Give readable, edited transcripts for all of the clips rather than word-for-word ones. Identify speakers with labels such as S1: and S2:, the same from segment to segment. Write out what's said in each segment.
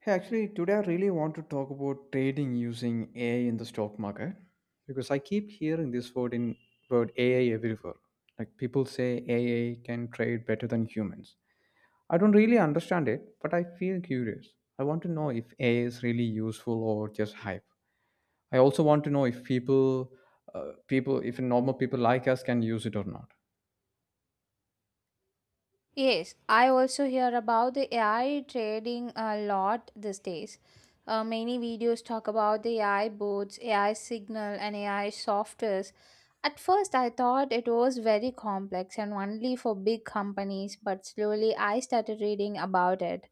S1: Hey, actually, today I really want to talk about trading using AI in the stock market because I keep hearing this word AI everywhere. Like people say AI can trade better than humans. I don't really understand it, but I feel curious. I want to know if AI is really useful or just hype. I also want to know if normal people like us can use it or not.
S2: Yes, I also hear about the AI trading a lot these days. Many videos talk about the AI boards, AI signal, and AI softwares. At first, I thought it was very complex and only for big companies, but slowly I started reading about it.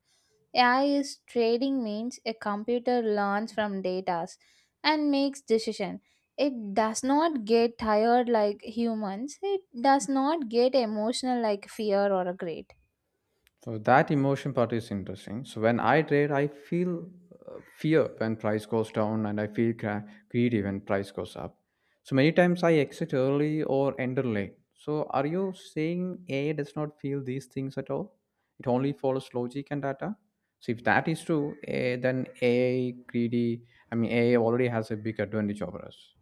S2: AI is trading means a computer learns from data and makes decision. It does not get tired like humans. It does not get emotional like fear or a greed.
S1: So that emotion part is interesting. So when I trade, I feel fear when price goes down, and I feel greedy when price goes up. So many times I exit early or enter late. So are you saying AI does not feel these things at all? It only follows logic and data. So if that is true, then AI greedy. I mean, AI already has a big advantage over us.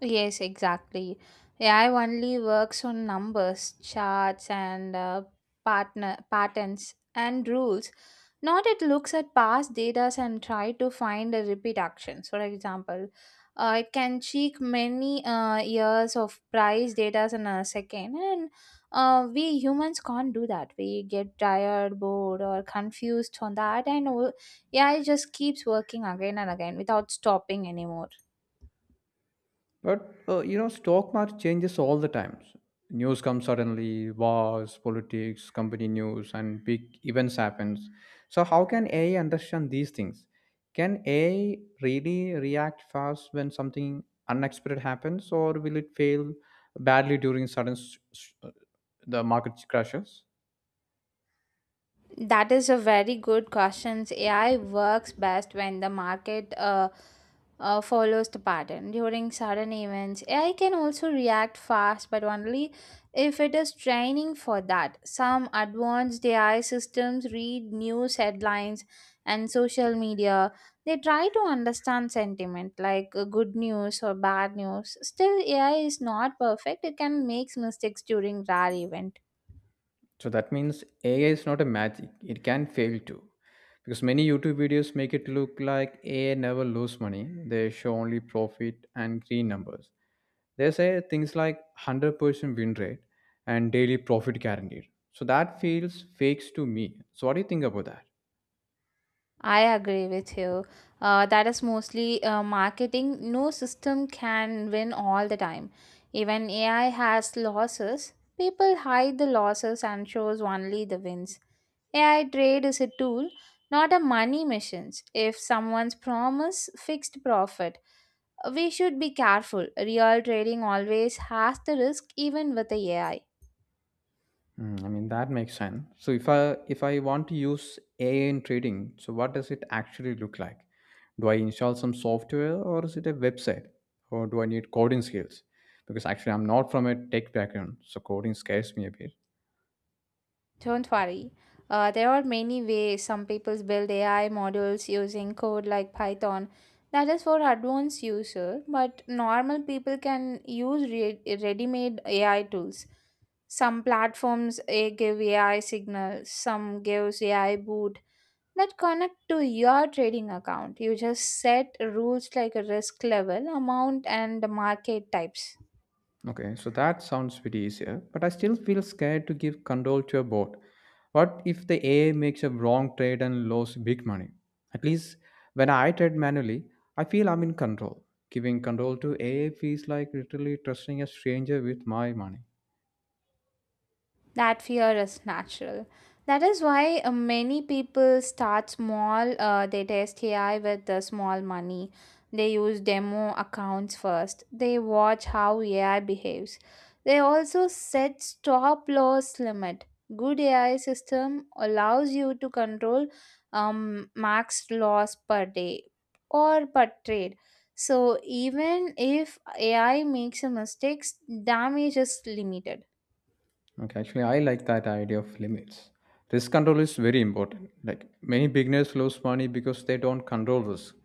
S2: Yes, exactly. AI only works on numbers, charts, and partner patterns and rules. Not it looks at past data and try to find a repeat actions. For example, it can check many years of price data in a second, and we humans can't do that. We get tired, bored, or confused on that, and AI just keeps working again and again without stopping anymore.
S1: But stock market changes all the times. News comes suddenly, wars, politics, company news, and big events happens. So how can AI understand these things? Can AI really react fast when something unexpected happens, or will it fail badly during sudden the market crashes?
S2: That is a very good question. AI works best when the market follows the pattern. During sudden events, AI can also react fast, but only if it is training for that. Some advanced AI systems read news headlines and social media. They try to understand sentiment like good news or bad news. Still, AI is not perfect. It can make mistakes during rare event.
S1: So that means AI is not a magic. It can fail too. Because many YouTube videos make it look like AI never lose money. They show only profit and green numbers. They say things like 100% win rate and daily profit guaranteed. So that feels fakes to me. So what do you think about that?
S2: I agree with you. That is mostly marketing. No system can win all the time. Even AI has losses. People hide the losses and shows only the wins. AI trade is a tool, not a money machine. If someone's promise fixed profit, we should be careful. Real trading always has the risk, even with the AI.
S1: Mm, I mean that makes sense. So if I want to use AI in trading, so what does it actually look like? Do I install some software or is it a website? Or do I need coding skills? Because actually I'm not from a tech background, so coding scares me a bit.
S2: Don't worry. There are many ways some people build AI models using code like Python. That is for advanced user, but normal people can use ready-made AI tools. Some platforms eh, give AI signals, some gives AI boot that connect to your trading account. You just set rules like a risk level, amount, and market types.
S1: Okay, so that sounds pretty easier, but I still feel scared to give control to a bot. What if the AI makes a wrong trade and loses big money? At least when I trade manually, I feel I'm in control. Giving control to AI feels like literally trusting a stranger with my money.
S2: That fear is natural. That is why many people start small. They test AI with the small money. They use demo accounts first. They watch how AI behaves. They also set stop loss limit. Good AI system allows you to control max loss per day or per trade. So even if AI makes a mistakes, damage is limited.
S1: Okay, actually, I like that idea of limits. Risk control is very important. Like many beginners lose money because they don't control risk.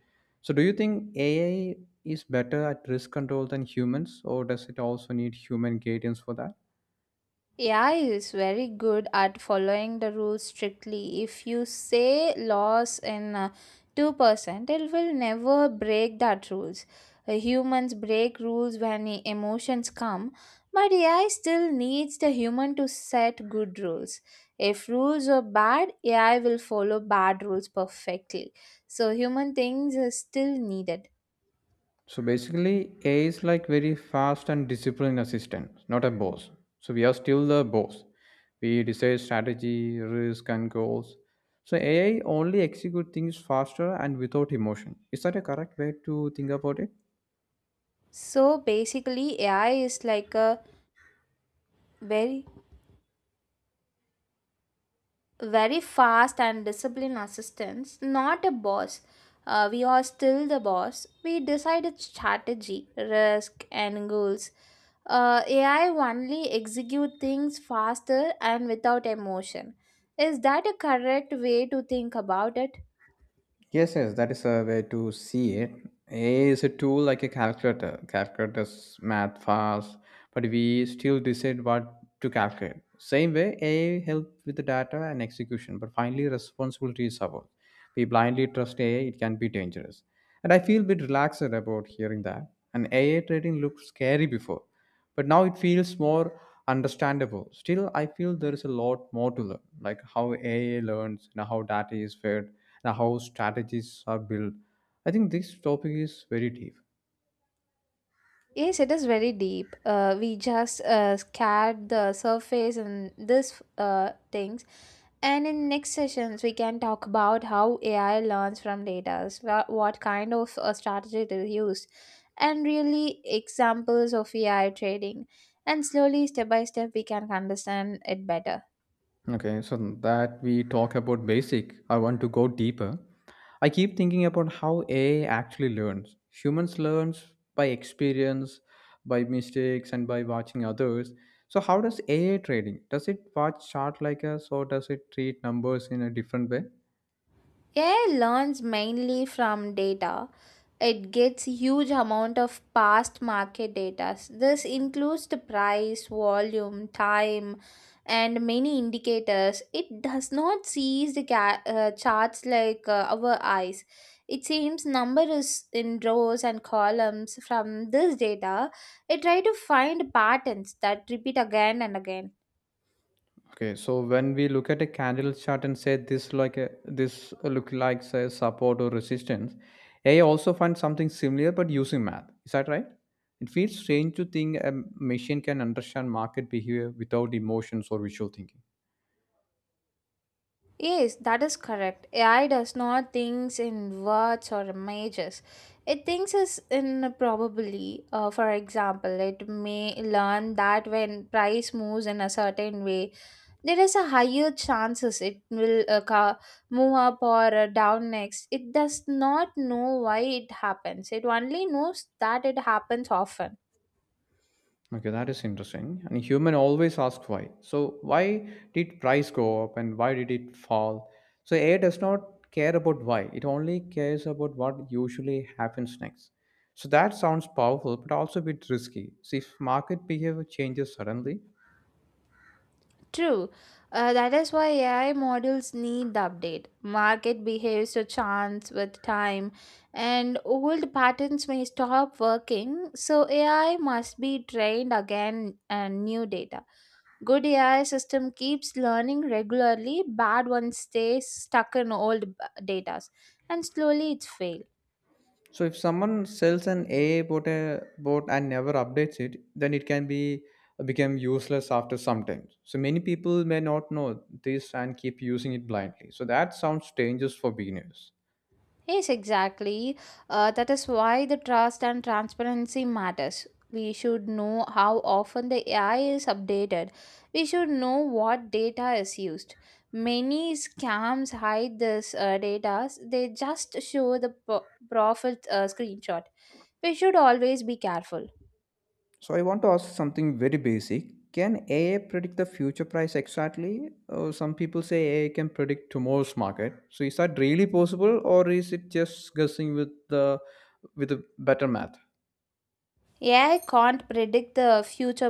S1: So, do you think AI is better at risk control than humans, or does it also need human guidance for that?
S2: AI is very good at following the rules strictly. If you say loss in 2%, it will never break that rules. Humans break rules when emotions come, but AI still needs the human to set good rules. If rules are bad, AI will follow bad rules perfectly. So human things are still needed.
S1: So, basically, AI is like very fast and disciplined assistant, not a boss. So, we are still the boss. We decide strategy, risk, and goals. So, AI only execute things faster and without emotion. Is that a correct way to think about it?
S2: So basically AI is like a very very fast and disciplined assistants, not a boss. We are still the boss. We decided strategy, risk, and goals. AI only execute things faster and without emotion. Is that a correct way to think about it?
S1: Yes, yes, that is a way to see it. AI is a tool like a calculator. Calculators math fast, but we still decide what to calculate. Same way, AI help with the data and execution, but finally responsibility is ours. We blindly trust AI, it can be dangerous. And I feel a bit relaxed about hearing that. And AI trading looked scary before, but now it feels more understandable. Still, I feel there is a lot more to learn, like how AI learns, and how data is fed, and how strategies are built. I think this topic is very deep.
S2: Yes, it is very deep. We just scared the surface and this things. And in next sessions, we can talk about how AI learns from data, what kind of strategy it is used, and really examples of AI trading. And slowly, step by step, we can understand it better.
S1: Okay, so that we talk about basic, I want to go deeper. I keep thinking about how AI actually learns. Humans learns by experience, by mistakes, and by watching others. So how does AI trading? Does it watch chart like us, or does it treat numbers in a different way?
S2: AI learns mainly from data. It gets huge amount of past market data. This includes the price, volume, time, and many indicators. It does not sees the charts like our eyes. It seems number is in rows and columns. From this data, it try to find patterns that repeat again and again.
S1: Okay, so when we look at a candle chart and say this look like say support or resistance, AI also finds something similar but using math. Is that right? It feels strange to think a machine can understand market behavior without emotions or visual thinking.
S2: Yes, that is correct. AI does not thinks in words or images. It thinks is in probably. For example, it may learn that when price moves in a certain way, there is a higher chances it will move up or down next. It does not know why it happens. It only knows that it happens often.
S1: Okay, that is interesting. And human always asks why. So why did price go up and why did it fall? So AI does not care about why. It only cares about what usually happens next. So that sounds powerful, but also a bit risky. So if market behavior changes suddenly,
S2: True. That is why AI models need the update. Market behaves to chance with time, and old patterns may stop working, so AI must be trained again and new data. Good AI system keeps learning regularly, bad one stays stuck in data, and slowly it fails.
S1: so if someone sells an AI bot and never updates it, then it can be become useless after some time. So many people may not know this and keep using it blindly. So that sounds dangerous for beginners.
S2: Yes, exactly. That is why the trust and transparency matters. We should know how often the AI is updated. We should know what data is used. Many scams hide this data. They just show the profit screenshot. We should always be careful.
S1: So I want to ask something very basic. Can AI predict the future price exactly? Some people say AI can predict tomorrow's market. So is that really possible, or is it just guessing with a better math?
S2: AI can't predict the future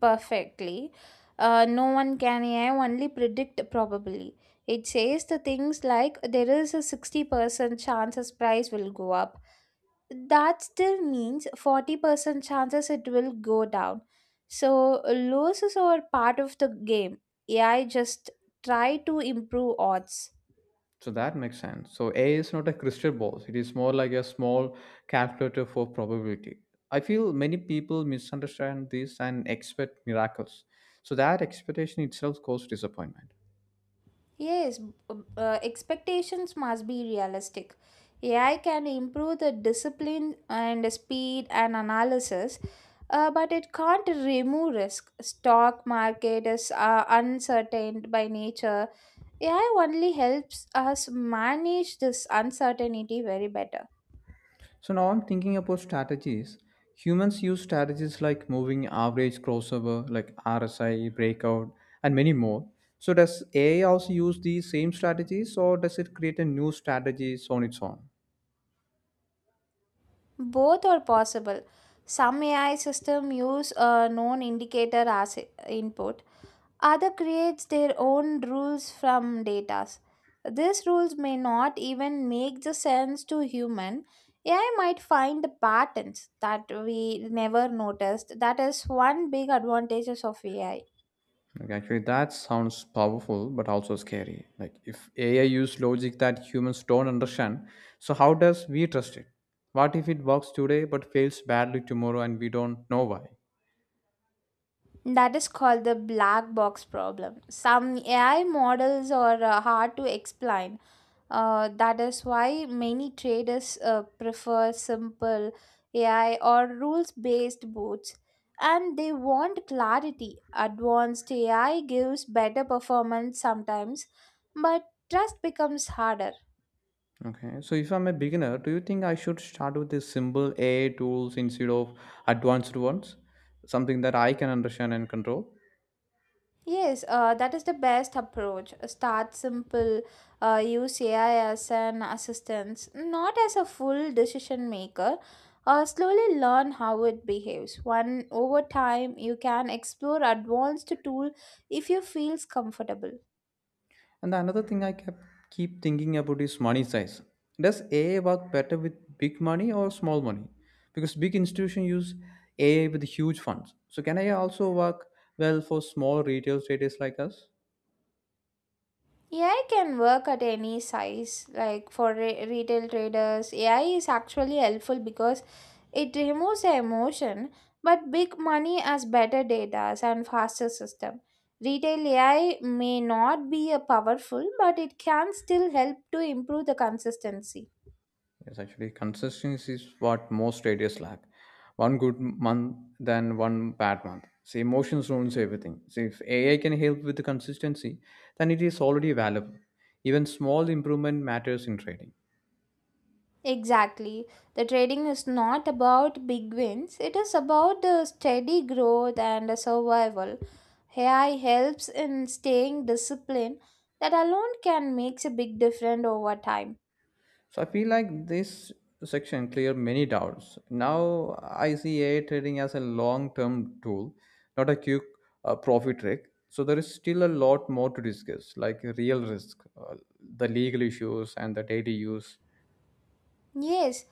S2: perfectly. No one can. AI only predict probably. It says the things like there is a 60% chances price will go up. That still means 40% chances it will go down. So losses are part of the game. AI just try to improve odds.
S1: So that makes sense. So AI is not a crystal ball. It is more like a small calculator for probability. I feel many people misunderstand this and expect miracles. So that expectation itself causes disappointment.
S2: Yes, expectations must be realistic. AI can improve the discipline and speed and analysis, but it can't remove risk. Stock market is uncertain by nature. AI only helps us manage this uncertainty very better.
S1: So now I'm thinking about strategies. Humans use strategies like moving average crossover, like RSI, breakout, and many more. So does AI also use these same strategies or does it create a new strategies on its own?
S2: Both are possible. Some AI system use a known indicator as input. Other creates their own rules from data. These rules may not even make the sense to human. AI might find the patterns that we never noticed. That is one big advantages of AI.
S1: Like actually that sounds powerful but also scary. Like if AI use logic that humans don't understand, so how does we trust it? What if it works today but fails badly tomorrow and we don't know why?
S2: That is called the black box problem. Some AI models are hard to explain. That is why many traders prefer simple AI or rules based bots and they want clarity. Advanced AI gives better performance sometimes, but trust becomes harder.
S1: Okay, so if I'm a beginner, do you think I should start with the simple A tools instead of advanced ones? Something that I can understand and control.
S2: Yes, that is the best approach. Start simple, use AI as an assistant, not as a full decision maker. Slowly learn how it behaves. One over time, you can explore advanced tool if you feels comfortable.
S1: And the another thing I kept keep thinking about is money size. Does AI work better with big money or small money? Because big institutions use AI with huge funds. So can AI also work well for small retail traders like us?
S2: AI can work at any size, like for retail traders. AI is actually helpful because it removes the emotion, but big money has better data and faster system. Retail AI may not be a powerful, but it can still help to improve the consistency.
S1: Yes, actually, consistency is what most radios lack. One good month, then one bad month. See, emotions ruins everything. See, if AI can help with the consistency, then it is already valuable. Even small improvement matters in trading.
S2: Exactly. The trading is not about big wins, it is about the steady growth and the survival. AI helps in staying disciplined, that alone can make a big difference over time.
S1: So I feel like this section cleared many doubts. Now I see AI trading as a long-term tool, not a quick profit trick. So there is still a lot more to discuss, like real risk, the legal issues, and the daily use.
S2: Yes,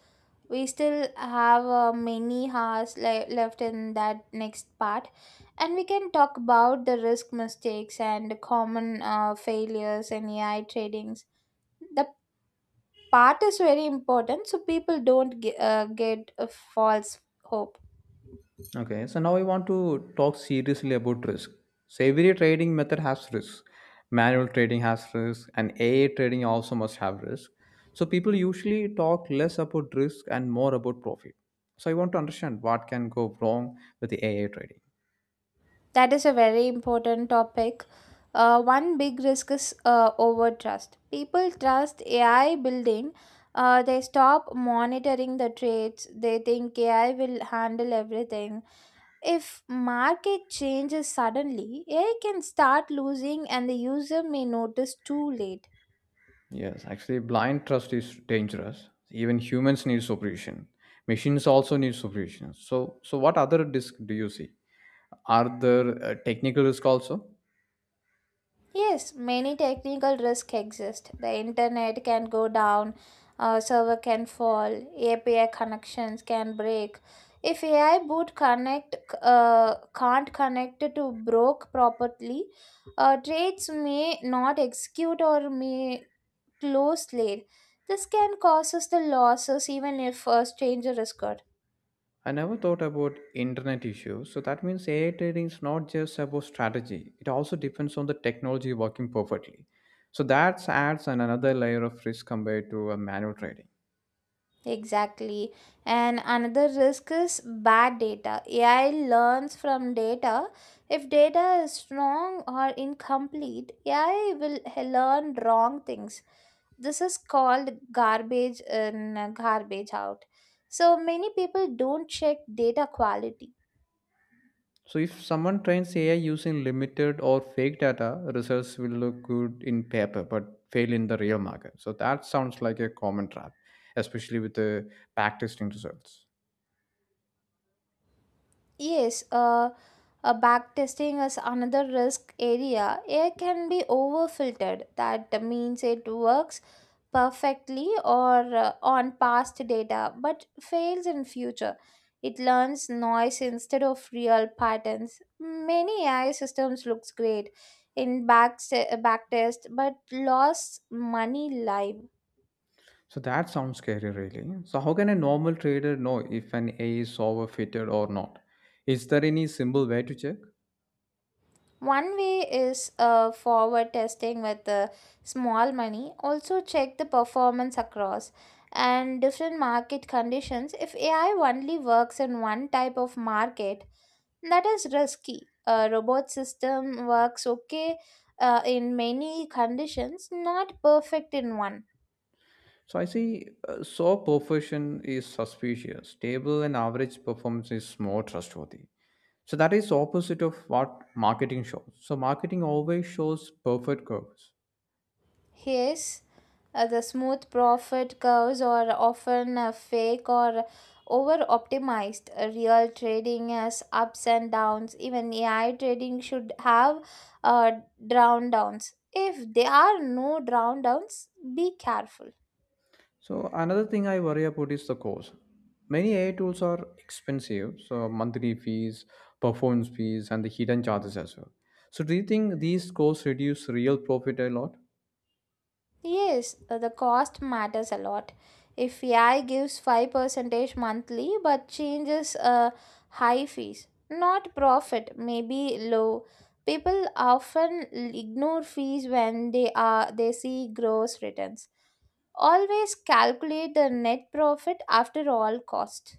S2: we still have many hours left in that next part, and we can talk about the risk mistakes and the common failures in AI tradings. The part is very important so people don't get a false hope.
S1: Okay, so now I want to talk seriously about risk. So every trading method has risk. Manual trading has risk, and AI trading also must have risk. So people usually talk less about risk and more about profit. So I want to understand what can go wrong with the AI trading.
S2: That is a very important topic. One big risk is over trust. People trust AI building, they stop monitoring the trades. They think AI will handle everything. If market changes suddenly, AI can start losing and the user may notice too late.
S1: Yes, actually, blind trust is dangerous. Even humans need supervision. Machines also need supervision. So what other risk do you see? Are there technical risk also?
S2: Yes, many technical risks exist. The internet can go down, a server can fall, API connections can break. If AI boot connect can't connect to broke properly, trades may not execute or may close late. This can cause us the losses even if a stranger is good.
S1: I never thought about internet issues. So that means AI trading is not just about strategy. It also depends on the technology working perfectly. So that adds an another layer of risk compared to a manual trading.
S2: Exactly. And another risk is bad data. AI learns from data. If data is wrong or incomplete, AI will learn wrong things. This is called garbage in, garbage out. So many people don't check data quality.
S1: So if someone trains AI using limited or fake data, results will look good in paper but fail in the real market. So that sounds like a common trap, especially with the backtesting results.
S2: Yes, a back testing is another risk area. AI can be overfiltered. That means it works perfectly or on past data, but fails in future. It learns noise instead of real patterns. Many AI systems looks great in back test, but lost money live.
S1: So that sounds scary, really. So how can a normal trader know if an A is overfitted or not? Is there any simple way to check?
S2: One way is forward testing with small money. Also, check the performance across and different market conditions. If AI only works in one type of market, that is risky. A robot system works okay in many conditions, not perfect in one.
S1: So I see. So perfection is suspicious. Stable and average performance is more trustworthy. So that is opposite of what marketing shows. So marketing always shows perfect curves.
S2: Yes, the smooth profit curves are often fake or over optimized. Real trading has ups and downs. Even AI trading should have uh, down downs. If there are no down downs, be careful.
S1: So another thing I worry about is the cost. Many AI tools are expensive, so monthly fees, performance fees, and the hidden charges as well. So do you think these costs reduce real profit a lot?
S2: Yes, the cost matters a lot. If AI gives 5% monthly but changes high fees, not profit, maybe low. People often ignore fees when they see gross returns. Always calculate the net profit after all cost.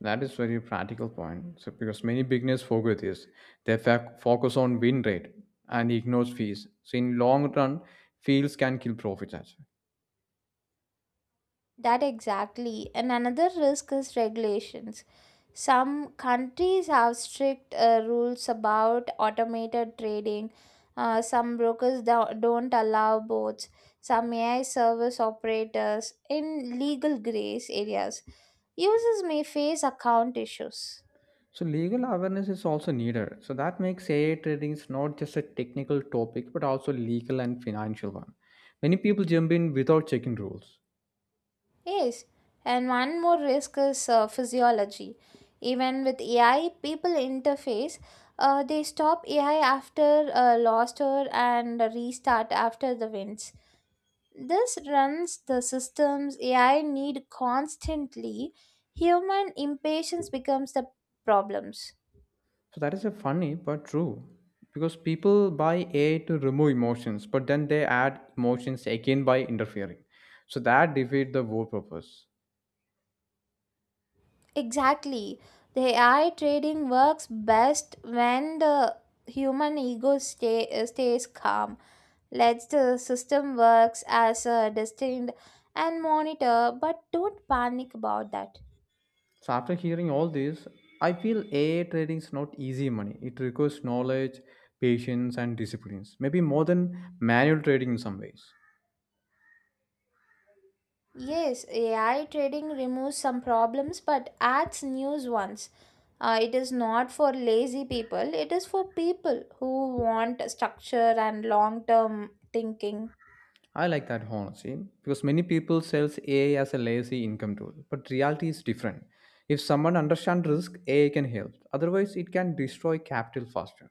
S1: That is very practical point. So because many beginners forget this, they focus on win rate and ignores fees. So in long run, fees can kill profits as well.
S2: That exactly. And another risk is regulations. Some countries have strict rules about automated trading. Some brokers don't allow bots. Some AI service operators in legal grace areas. Users may face account issues.
S1: So legal awareness is also needed. So that makes AI trading is not just a technical topic, but also legal and financial one. Many people jump in without checking rules.
S2: Yes, and one more risk is physiology. Even with AI, people interface, they stop AI after a lost or and restart after the wins. This runs the systems AI need constantly. Human impatience becomes the problems.
S1: So that is a funny but true. Because people buy AI to remove emotions, but then they add emotions again by interfering. So that defeat the whole purpose.
S2: Exactly. The AI trading works best when the human ego stays calm, lets the system works as a distinct and monitor, but don't panic about that.
S1: So after hearing all this, I feel AI trading is not easy money. It requires knowledge, patience, and disciplines. Maybe more than manual trading in some ways.
S2: Yes, AI trading removes some problems but adds new ones. It is not for lazy people, it is for people who want structure and long term thinking.
S1: I like that honestly, because many people sells AI as a lazy income tool, but reality is different. If someone understands risk, AI can help. Otherwise, it can destroy capital faster.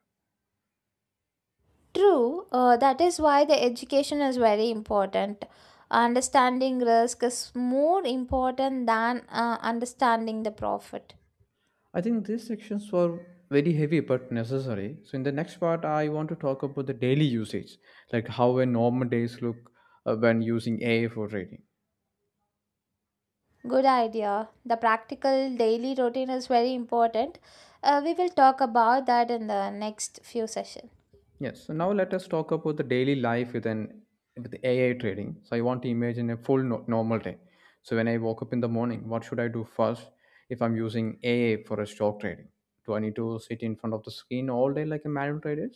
S2: True, that is why the education is very important. Understanding risk is more important than understanding the profit.
S1: I think these sections were very heavy but necessary. So in the next part, I want to talk about the daily usage, like how a normal days look when using AI for trading.
S2: Good idea. The practical daily routine is very important. We will talk about that in the next few sessions.
S1: Yes. So now let us talk about the daily life with AI trading. So I want to imagine a full normal day. So when I woke up in the morning, what should I do first if I'm using AI for a stock trading? Do I need to sit in front of the screen all day like a manual trader?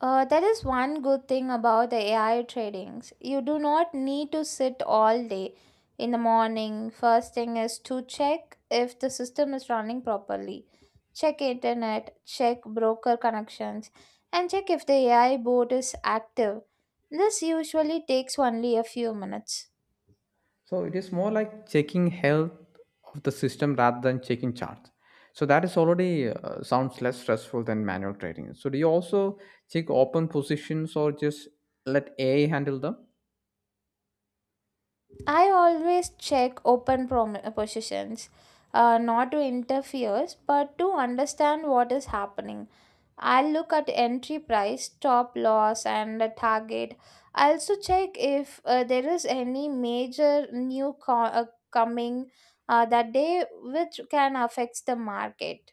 S2: That is one good thing about the AI tradings. You do not need to sit all day. In the morning, first thing is to check if the system is running properly. Check internet, check broker connections, and check if the AI bot is active. This usually takes only a few minutes.
S1: So it is more like checking health of the system rather than checking charts. So that is already sounds less stressful than manual trading. So do you also check open positions or just let AI handle them?
S2: I always check positions, not to interfere, but to understand what is happening. I'll look at entry price, stop loss, and the target. I also check if there is any coming that day which can affect the market.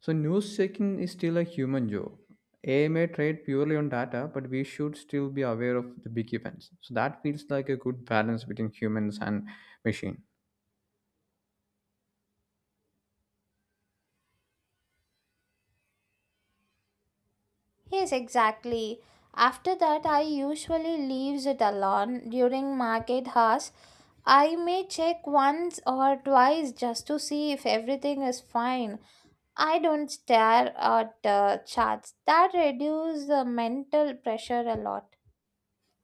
S1: So news checking is still a human job. AI may trade purely on data, but we should still be aware of the big events. So that feels like a good balance between humans and machine.
S2: Yes, exactly. After that, I usually leaves it alone during market hours. I may check once or twice just to see if everything is fine. I don't stare at charts. That reduces the mental pressure a lot.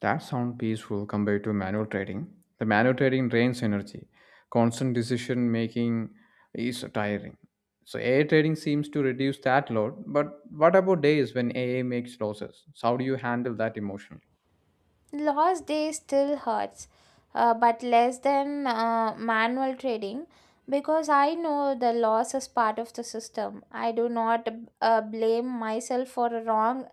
S1: That sounds peaceful compared to manual trading. The manual trading drains energy. Constant decision making is tiring. So AI trading seems to reduce that load. But what about days when AI makes losses? So how do you handle that emotionally?
S2: Lost day still hurts, but less than manual trading because I know the loss is part of the system. I do not blame myself for a wrong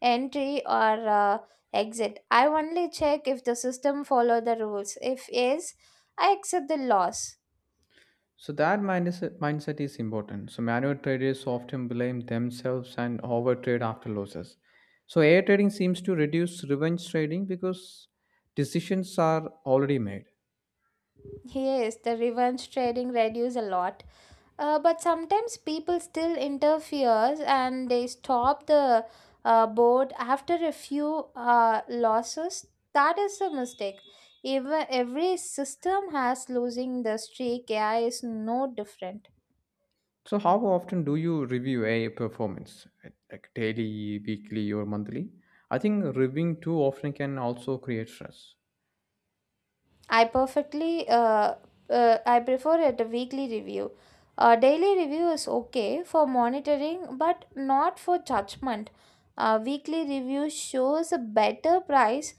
S2: entry or exit. I only check if the system follow the rules. If yes, I accept the loss.
S1: So that mindset is important. So manual traders often blame themselves and overtrade after losses. So air trading seems to reduce revenge trading because decisions are already made.
S2: Yes, the revenge trading reduce a lot. But sometimes people still interferes and they stop the board after a few losses. That is a mistake. Even every system has losing the streak. AI is no different.
S1: So how often do you review a I performance, like daily, weekly, or monthly? I think reviewing too often can also create stress.
S2: I perfectly uh, I prefer it a weekly review. A daily review is okay for monitoring, but not for judgment. A weekly review shows a better price.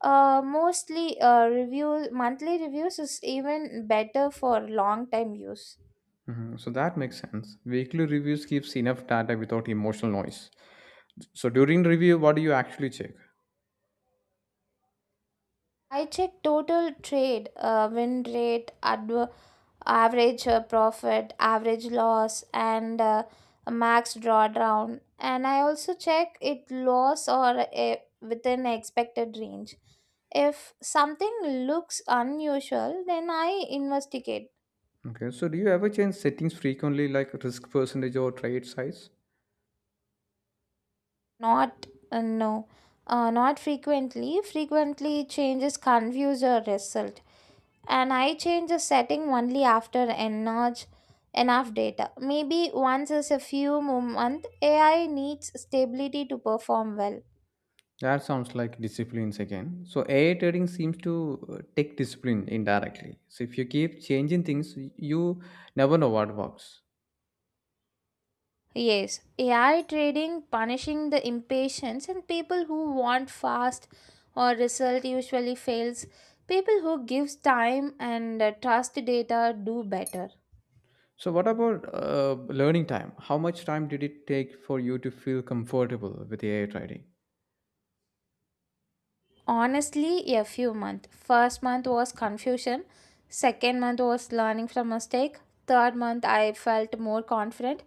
S2: Mostly review monthly reviews is even better for long time use.
S1: Mhm. So that makes sense. Weekly reviews gives enough data without emotional noise. So during review, what do you actually check?
S2: I check total trade, win rate, average profit, average loss, and max drawdown. And I also check it loss or within expected range. If something looks unusual, then I investigate.
S1: Okay, so do you ever change settings frequently, like risk percentage or trade size?
S2: Not no, not frequently. Frequently changes confuse your result. And I change the setting only after enough data. Maybe once is a few months, AI needs stability to perform well.
S1: That sounds like disciplines again. So AI trading seems to take discipline indirectly. So if you keep changing things, you never know what works.
S2: Yes, AI trading punishing the impatience and people who want fast or result usually fails. People who gives time and trust data do better.
S1: So what about learning time? How much time did it take for you to feel comfortable with AI trading?
S2: Honestly, a few months. First month was confusion. Second month was learning from mistake. Third month, I felt more confident.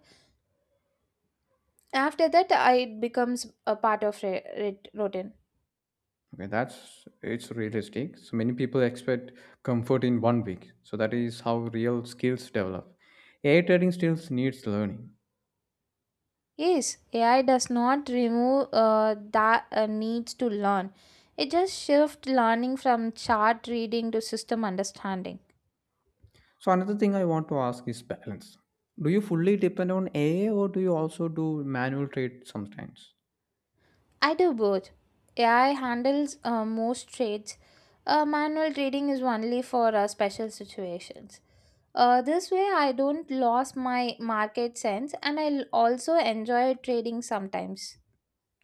S2: After that, it becomes a part of routine.
S1: Okay, that's it's realistic. So many people expect comfort in one week. So that is how real skills develop. AI trading still needs learning.
S2: Yes, AI does not remove that needs to learn. It just shifts learning from chart reading to system understanding.
S1: So another thing I want to ask is balance. Do you fully depend on AI or do you also do manual trade sometimes?
S2: I do both. AI handles most trades. Manual trading is only for special situations. This way, I don't lose my market sense and I also enjoy trading sometimes.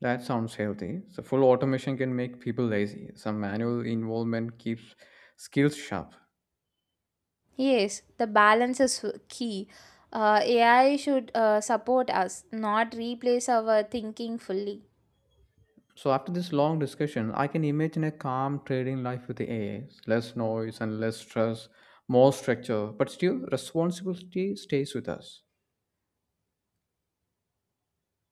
S1: That sounds healthy. So full automation can make people lazy. Some manual involvement keeps skills sharp.
S2: Yes, the balance is key. AI should support us, not replace our thinking fully.
S1: So after this long discussion, I can imagine a calm trading life with the AIs. Less noise and less stress, more structure, but still responsibility stays with us.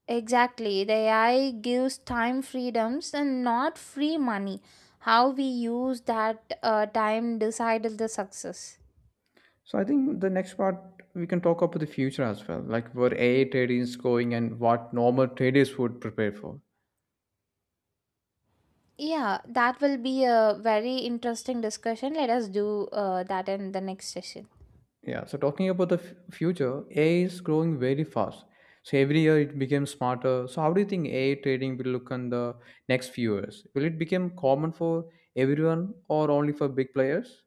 S2: Exactly. The AI gives time freedoms and not free money. How we use that time decides the success.
S1: So I think the next part we can talk about the future as well, like where AI trading is going and what normal traders would prepare for.
S2: Yeah, that will be a very interesting discussion. Let us do that in the next session.
S1: Yeah. So talking about the future, AI is growing very fast. So every year it becomes smarter. So how do you think AI trading will look in the next few years? Will it become common for everyone or only for big players?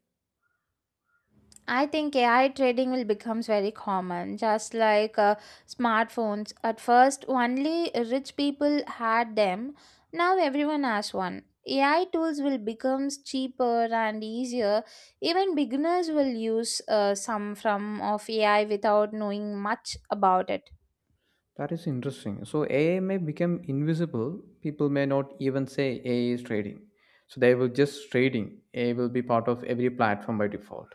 S2: I think AI trading will become very common, just like smartphones. At first, only rich people had them. Now everyone has one. AI tools will become cheaper and easier. Even beginners will use some from of AI without knowing much about it.
S1: That is interesting. So AI may become invisible. People may not even say AI is trading. So they will just trading. AI will be part of every platform by default.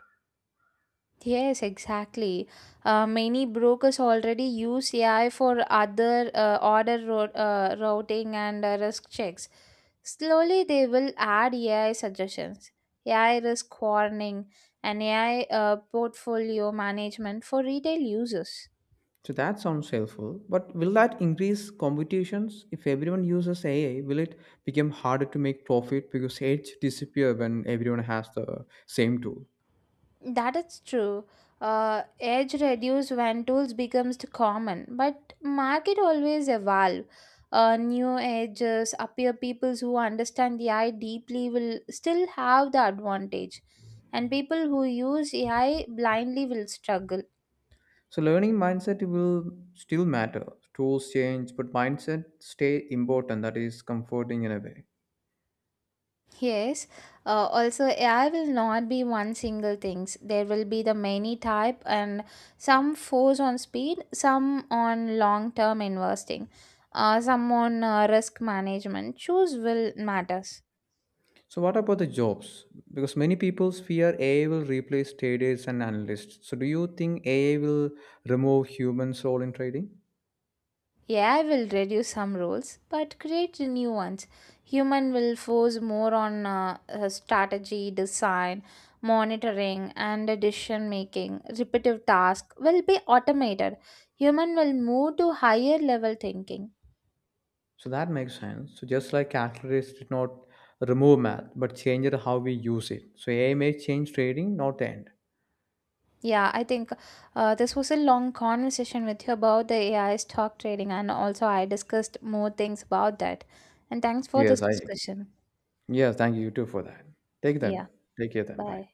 S2: Yes, exactly. Many brokers already use AI for other routing and risk checks. Slowly, they will add AI suggestions, AI risk warning, and AI portfolio management for retail users.
S1: So that sounds helpful, but will that increase competitions? If everyone uses AI, will it become harder to make profit because edge disappear when everyone has the same tool?
S2: That is true. Edge reduce when tools becomes too common, but market always evolve. New edges appear. People who understand AI deeply will still have the advantage, and people who use AI blindly will struggle.
S1: So learning mindset will still matter. Tools change, but mindset stay important. That is comforting in a way.
S2: Yes, also AI will not be one single things. There will be the many type and some force on speed, some on long term investing, some on risk management. Choose will matters.
S1: So what about the jobs? Because many people fear AI will replace traders and analysts. So do you think AI will remove human soul in trading?
S2: AI will reduce some roles but create new ones. Human will force more on strategy, design, monitoring, and decision making. Repetitive tasks will be automated. Human will move to higher level thinking.
S1: So that makes sense. So just like calculators did not remove math, but changed how we use it. So AI may change trading, not end.
S2: Yeah, I think this was a long conversation with you about the AI stock trading, and also I discussed more things about that. And thanks for this
S1: Yes, I agree.
S2: discussion.
S1: Yes, thank you too for that. Take then.
S2: Yeah,
S1: Take care then. Bye.
S2: bye.